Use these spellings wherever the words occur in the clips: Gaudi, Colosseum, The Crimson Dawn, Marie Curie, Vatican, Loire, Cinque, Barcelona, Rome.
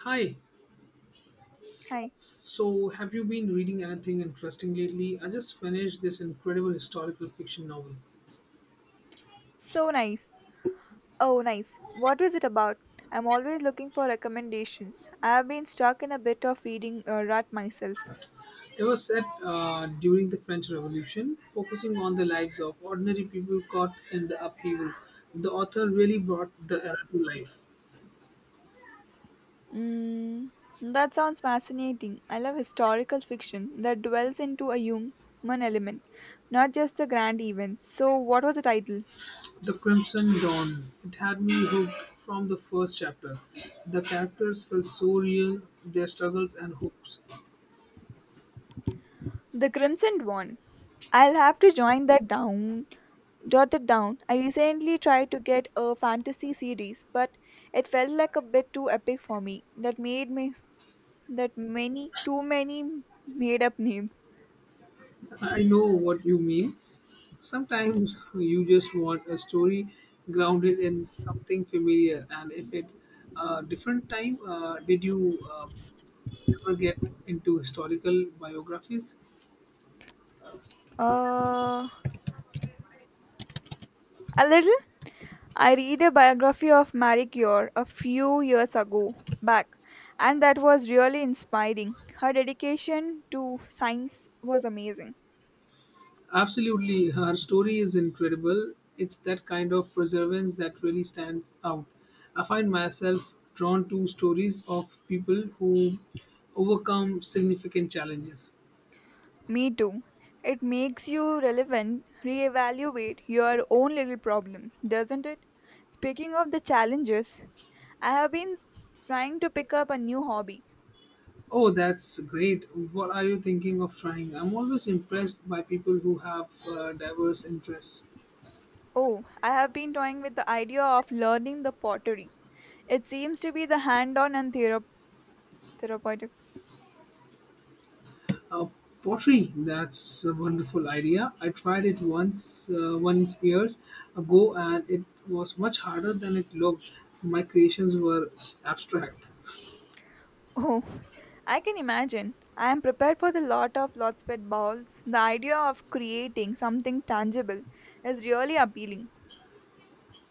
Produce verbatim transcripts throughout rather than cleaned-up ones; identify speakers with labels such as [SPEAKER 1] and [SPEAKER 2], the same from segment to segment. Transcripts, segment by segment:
[SPEAKER 1] Hi,
[SPEAKER 2] Hi.
[SPEAKER 1] so have you been reading anything interesting lately? I just finished this incredible historical fiction novel.
[SPEAKER 2] So nice. Oh, nice. What was it about? I'm always looking for recommendations. I have been stuck in a bit of reading uh, rut myself.
[SPEAKER 1] It was set uh, during the French Revolution, focusing on the lives of ordinary people caught in the upheaval. The author really brought the era to life.
[SPEAKER 2] Mm, that sounds fascinating. I love historical fiction that dwells into a human element, not just the grand events. So, what was the title?
[SPEAKER 1] The Crimson Dawn. It had me hooked from the first chapter. The characters felt so real, their struggles and hopes.
[SPEAKER 2] The Crimson Dawn. I'll have to join that down. Jot it down. I recently tried to get a fantasy series, but it felt like a bit too epic for me. That made me that many too many made up names.
[SPEAKER 1] I know what you mean. Sometimes you just want a story grounded in something familiar, and if it's a different time, uh, did you uh, ever get into historical biographies?
[SPEAKER 2] uh a little. I read a biography of Marie Curie a few years ago back, and that was really inspiring. Her dedication to science was amazing.
[SPEAKER 1] Absolutely, her story is incredible. It's that kind of preservance that really stands out. I find myself drawn to stories of people who overcome significant challenges.
[SPEAKER 2] Me too. It makes you relevant reevaluate your own little problems, doesn't it? Speaking of the challenges, I have been s- trying to pick up a new hobby.
[SPEAKER 1] Oh, that's great. What are you thinking of trying? I'm always impressed by people who have uh, diverse interests.
[SPEAKER 2] Oh, I have been toying with the idea of learning the pottery. It seems to be the hand on and thera- therapeutic.
[SPEAKER 1] Uh, Pottery, that's a wonderful idea. I tried it once, uh, once years ago, and it was much harder than it looked. My creations were abstract.
[SPEAKER 2] Oh, I can imagine. I am prepared for the lot of lots pet balls. The idea of creating something tangible is really appealing.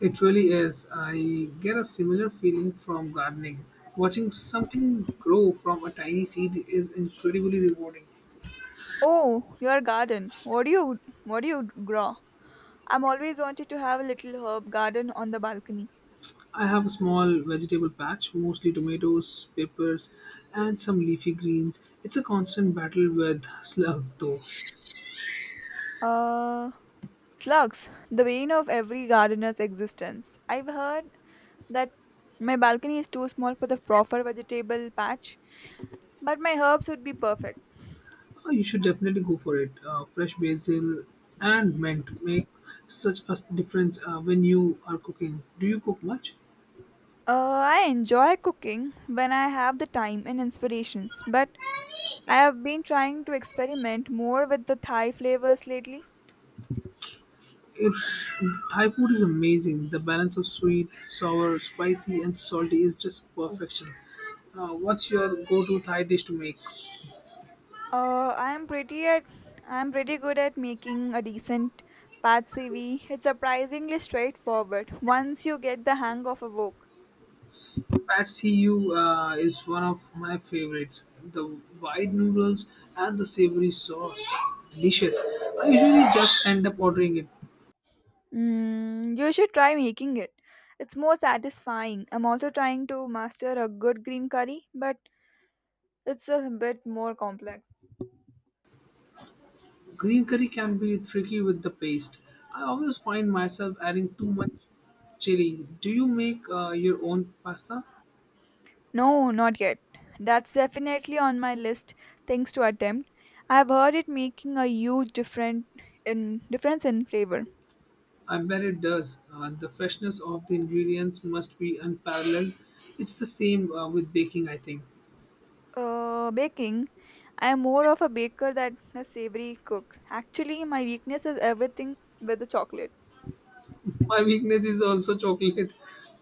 [SPEAKER 1] It really is. I get a similar feeling from gardening. Watching something grow from a tiny seed is incredibly rewarding.
[SPEAKER 2] Oh, your garden. What do you what do you grow? I'm always wanted to have a little herb garden on the balcony.
[SPEAKER 1] I have a small vegetable patch, mostly tomatoes, peppers, and some leafy greens. It's a constant battle with slugs, though.
[SPEAKER 2] Uh Slugs, the bane of every gardener's existence. I've heard that my balcony is too small for the proper vegetable patch, but my herbs would be perfect.
[SPEAKER 1] Uh, you should definitely go for it. Uh, fresh basil and mint make such a difference uh, when you are cooking. Do you cook much?
[SPEAKER 2] Uh, I enjoy cooking when I have the time and inspirations, but I have been trying to experiment more with the Thai flavors lately.
[SPEAKER 1] It's Thai food is amazing. The balance of sweet, sour, spicy, and salty is just perfection. Uh, what's your go-to Thai dish to make?
[SPEAKER 2] Uh, I am pretty at I am pretty good at making a decent pad C V. It's surprisingly straightforward once you get the hang of a wok.
[SPEAKER 1] Patsiu uh, is one of my favorites. The wide noodles and the savory sauce, delicious. I usually just end up ordering it.
[SPEAKER 2] Mm, you should try making it. It's more satisfying. I'm also trying to master a good green curry, but it's a bit more complex.
[SPEAKER 1] Green curry can be tricky with the paste. I always find myself adding too much chili. Do you make uh, your own pasta?
[SPEAKER 2] No, not yet. That's definitely on my list things to attempt. I've heard it making a huge different in difference in flavor.
[SPEAKER 1] I bet it does. Uh, the freshness of the ingredients must be unparalleled. It's the same uh, with baking, I think.
[SPEAKER 2] Uh, baking. I am more of a baker than a savory cook. Actually, my weakness is everything with the chocolate.
[SPEAKER 1] My weakness is also chocolate.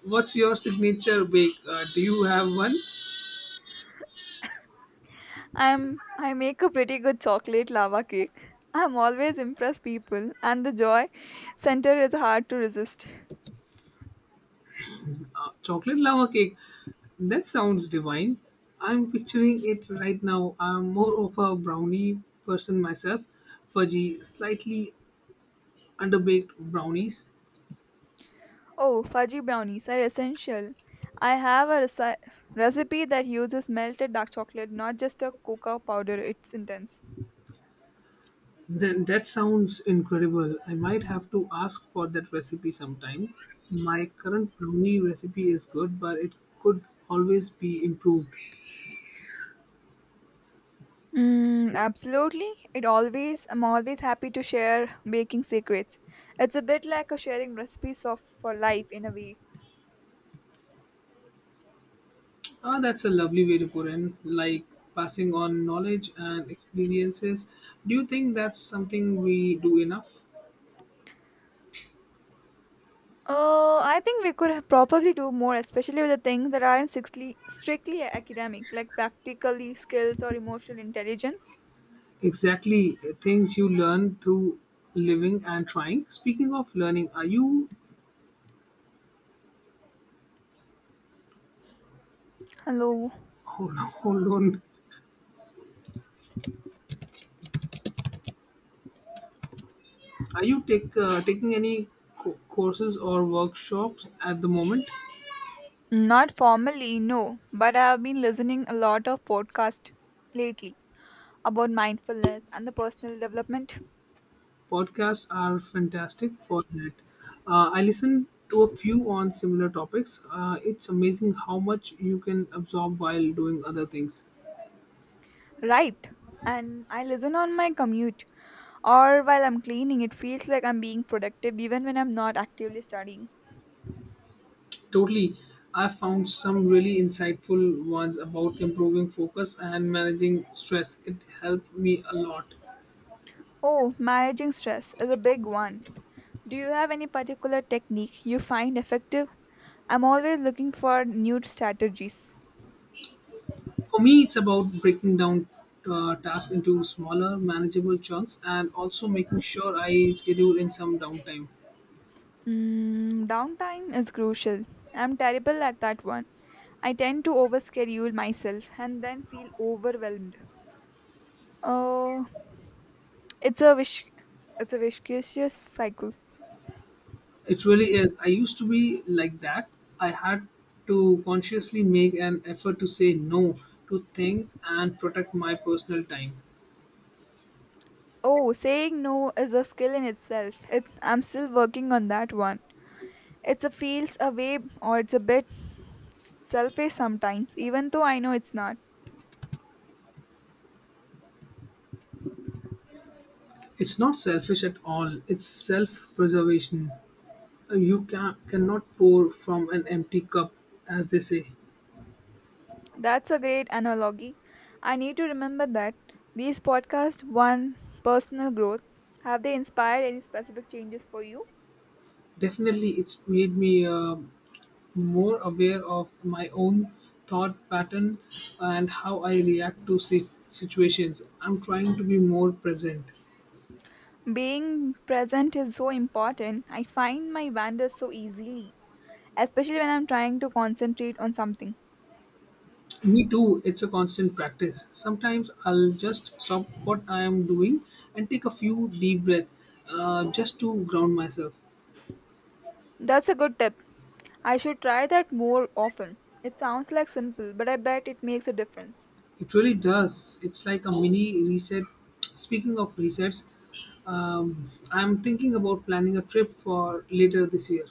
[SPEAKER 1] What's your signature bake? Uh, do you have one?
[SPEAKER 2] I'm I make a pretty good chocolate lava cake. I'm always impress people, and the joy center is hard to resist.
[SPEAKER 1] Uh, chocolate lava cake. That sounds divine. I'm picturing it right now. I'm more of a brownie person myself. Fudgy, slightly underbaked brownies.
[SPEAKER 2] Oh, fudgy brownies are essential. I have a reci- recipe that uses melted dark chocolate, not just a cocoa powder. It's intense.
[SPEAKER 1] Then that sounds incredible. I might have to ask for that recipe sometime. My current brownie recipe is good, but it could always be improved.
[SPEAKER 2] Mm, absolutely. It always I'm always happy to share baking secrets. It's a bit like a sharing recipes of for life in a way.
[SPEAKER 1] Ah, that's a lovely way to put in, like passing on knowledge and experiences. Do you think that's something we do enough?
[SPEAKER 2] Uh, I think we could have probably do more, especially with the things that aren't strictly, strictly academic, like practically skills or emotional intelligence.
[SPEAKER 1] Exactly, things you learn through living and trying. Speaking of learning, are you
[SPEAKER 2] Hello.
[SPEAKER 1] hold on? Hold on. Are you take uh, taking any co- courses or workshops at the moment?
[SPEAKER 2] Not formally, no, but I have been listening a lot of podcast lately about mindfulness and the personal development.
[SPEAKER 1] Podcasts are fantastic for that. Uh, I listened to a few on similar topics. Uh, it's amazing how much you can absorb while doing other things.
[SPEAKER 2] Right. And I listen on my commute or while I'm cleaning. It feels like I'm being productive even when I'm not actively studying.
[SPEAKER 1] Totally. I found some really insightful ones about improving focus and managing stress. It helped me a lot.
[SPEAKER 2] Oh, managing stress is a big one. Do you have any particular technique you find effective? I'm always looking for new strategies.
[SPEAKER 1] For me, it's about breaking down uh, tasks into smaller, manageable chunks and also making sure I schedule in some downtime.
[SPEAKER 2] Mm, downtime is crucial. I'm terrible at that one. I tend to overschedule myself and then feel overwhelmed. Oh, it's a wish. It's a vicious cycle.
[SPEAKER 1] It really is. I used to be like that. I had to consciously make an effort to say no to things and protect my personal time.
[SPEAKER 2] Oh, saying no is a skill in itself. It, I'm still working on that one. It's a feels away or it's a bit selfish sometimes, even though I know it's not.
[SPEAKER 1] It's not selfish at all, it's self preservation. You can, cannot pour from an empty cup, as they say.
[SPEAKER 2] That's a great analogy. I need to remember that. These podcasts, one personal growth, have they inspired any specific changes for you?
[SPEAKER 1] Definitely, it's made me uh, more aware of my own thought pattern and how I react to si- situations. I'm trying to be more present.
[SPEAKER 2] Being present is so important. I find my wander so easily, especially when I'm trying to concentrate on something.
[SPEAKER 1] Me too, it's a constant practice. Sometimes I'll just stop what I am doing and take a few deep breaths uh, just to ground myself.
[SPEAKER 2] That's a good tip. I should try that more often. It sounds like simple, but I bet it makes a difference.
[SPEAKER 1] It really does. It's like a mini reset. Speaking of resets, um, I'm thinking about planning a trip for later this year.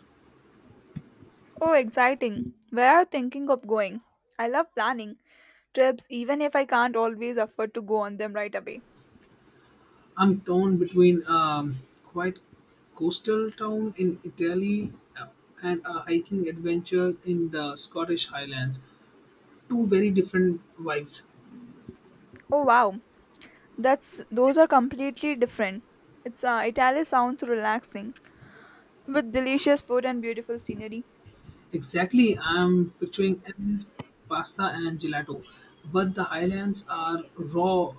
[SPEAKER 2] Oh, exciting. Where are you thinking of going? I love planning trips even if I can't always afford to go on them right away.
[SPEAKER 1] I'm torn between um, quite coastal town in Italy uh, and a hiking adventure in the Scottish Highlands. Two very different vibes.
[SPEAKER 2] Oh wow. That's those are completely different. It's uh, Italy sounds relaxing with delicious food and beautiful scenery.
[SPEAKER 1] Exactly, I'm picturing endless pasta and gelato, but the highlands are raw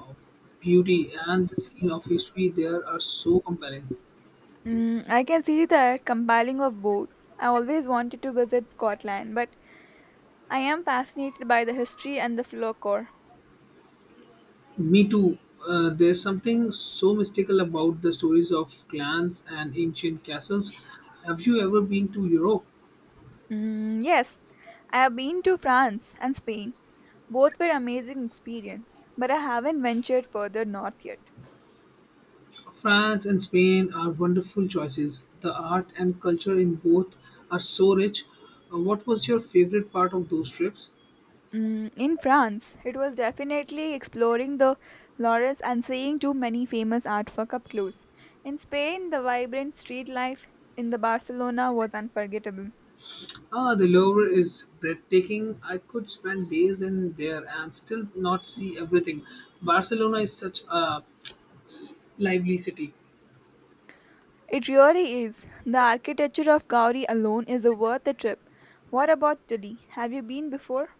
[SPEAKER 1] beauty and the scene of history there are so compelling.
[SPEAKER 2] Mm, I can see that compiling of both. I always wanted to visit Scotland, but I am fascinated by the history and the folklore.
[SPEAKER 1] Me too. Uh, there's something so mystical about the stories of clans and ancient castles. Have you ever been to Europe?
[SPEAKER 2] Mm, yes, I have been to France and Spain. Both were amazing experience, but I haven't ventured further north yet.
[SPEAKER 1] France and Spain are wonderful choices. The art and culture in both are so rich. Uh, What was your favorite part of those trips?
[SPEAKER 2] Mm, in France, it was definitely exploring the Loires and seeing too many famous artwork up close. In Spain, the vibrant street life in the Barcelona was unforgettable.
[SPEAKER 1] Ah, the Louvre is breathtaking. I could spend days in there and still not see everything. Barcelona is such a lively city.
[SPEAKER 2] It really is. The architecture of Gaudi alone is a worth the trip. What about Italy? Have you been before?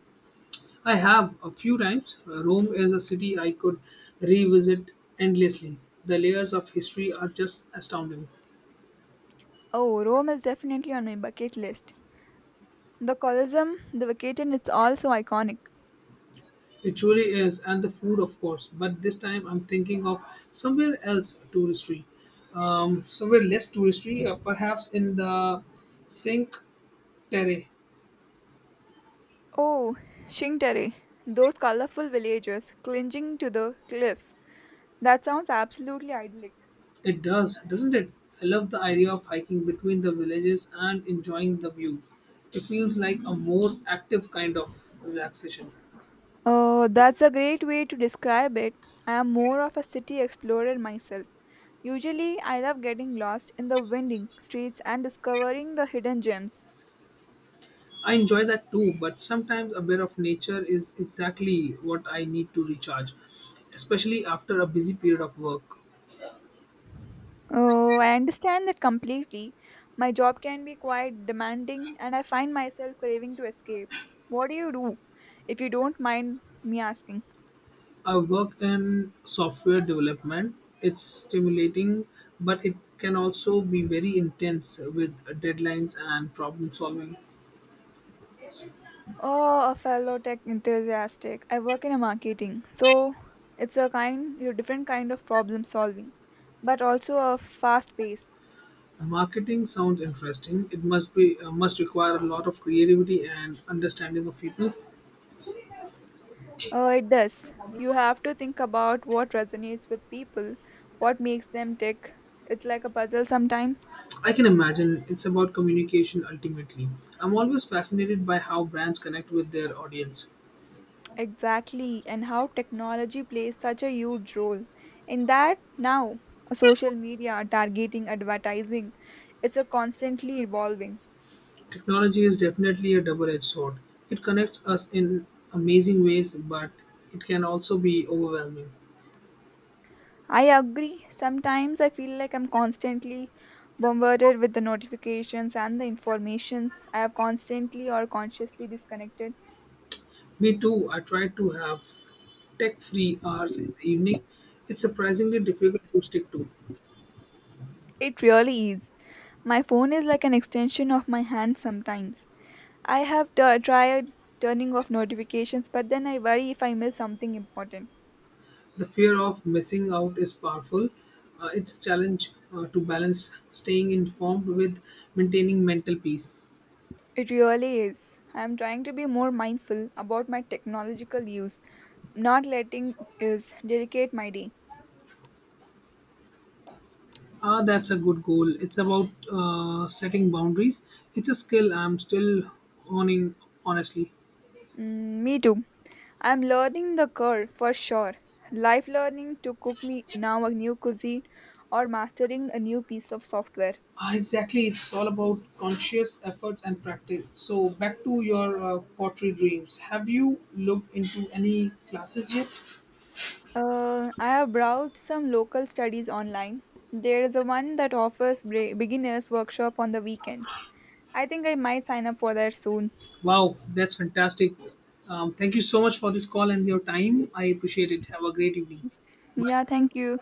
[SPEAKER 1] I have a few times. Uh, Rome is a city I could revisit endlessly. The layers of history are just astounding.
[SPEAKER 2] Oh, Rome is definitely on my bucket list. The Colosseum, the Vatican is also iconic.
[SPEAKER 1] It truly is, and the food, of course. But this time, I'm thinking of somewhere else touristy, somewhere less touristy, uh, perhaps in the Cinque Terre.
[SPEAKER 2] Oh, Cinque, those colorful villagers clinging to the cliff. That sounds absolutely idyllic.
[SPEAKER 1] It does, doesn't it? I love the idea of hiking between the villages and enjoying the views. It feels like a more active kind of relaxation.
[SPEAKER 2] Oh, that's a great way to describe it. I am more of a city explorer myself. Usually, I love getting lost in the winding streets and discovering the hidden gems.
[SPEAKER 1] I enjoy that too, but sometimes a bit of nature is exactly what I need to recharge, especially after a busy period of work.
[SPEAKER 2] Oh, I understand that completely. My job can be quite demanding, and I find myself craving to escape. What do you do, if you don't mind me asking?
[SPEAKER 1] I worked in software development. It's stimulating, but it can also be very intense with deadlines and problem solving.
[SPEAKER 2] Oh, a fellow tech enthusiastic. I work in a marketing, so it's a kind, a different kind of problem solving, but also a fast pace.
[SPEAKER 1] Marketing sounds interesting. It must be uh, must require a lot of creativity and understanding of people.
[SPEAKER 2] Oh, it does. You have to think about what resonates with people, what makes them tick. It's like a puzzle sometimes.
[SPEAKER 1] I can imagine it's about communication ultimately. I'm always fascinated by how brands connect with their audience.
[SPEAKER 2] Exactly, and how technology plays such a huge role in that now social media, targeting, advertising, it's a constantly evolving.
[SPEAKER 1] Technology is definitely a double-edged sword. It connects us in amazing ways, but it can also be overwhelming.
[SPEAKER 2] I agree. Sometimes I feel like I'm constantly bombarded with the notifications and the informations. I have constantly or consciously disconnected.
[SPEAKER 1] Me too. I try to have tech free hours in the evening. It's surprisingly difficult to stick to.
[SPEAKER 2] It really is. My phone is like an extension of my hand sometimes. I have t- tried turning off notifications, but then I worry if I miss something important.
[SPEAKER 1] The fear of missing out is powerful. Uh, it's a challenge uh, to balance staying informed with maintaining mental peace.
[SPEAKER 2] It really is. I am trying to be more mindful about my technological use, not letting it dedicate my day.
[SPEAKER 1] Ah, that's a good goal. It's about uh, setting boundaries. It's a skill I'm still honing, honestly.
[SPEAKER 2] Mm, me too. I am learning the curve for sure. Life learning to cook me now a new cuisine or mastering a new piece of software.
[SPEAKER 1] Ah, exactly, it's all about conscious effort and practice. So, back to your uh, pottery dreams. Have you looked into any classes yet?
[SPEAKER 2] Uh, I have browsed some local studies online. There is a one that offers bre- beginners workshop on the weekends. I think I might sign up for that soon.
[SPEAKER 1] Wow, that's fantastic. Um, thank you so much for this call and your time. I appreciate it. Have a great evening. Bye.
[SPEAKER 2] Yeah, thank you.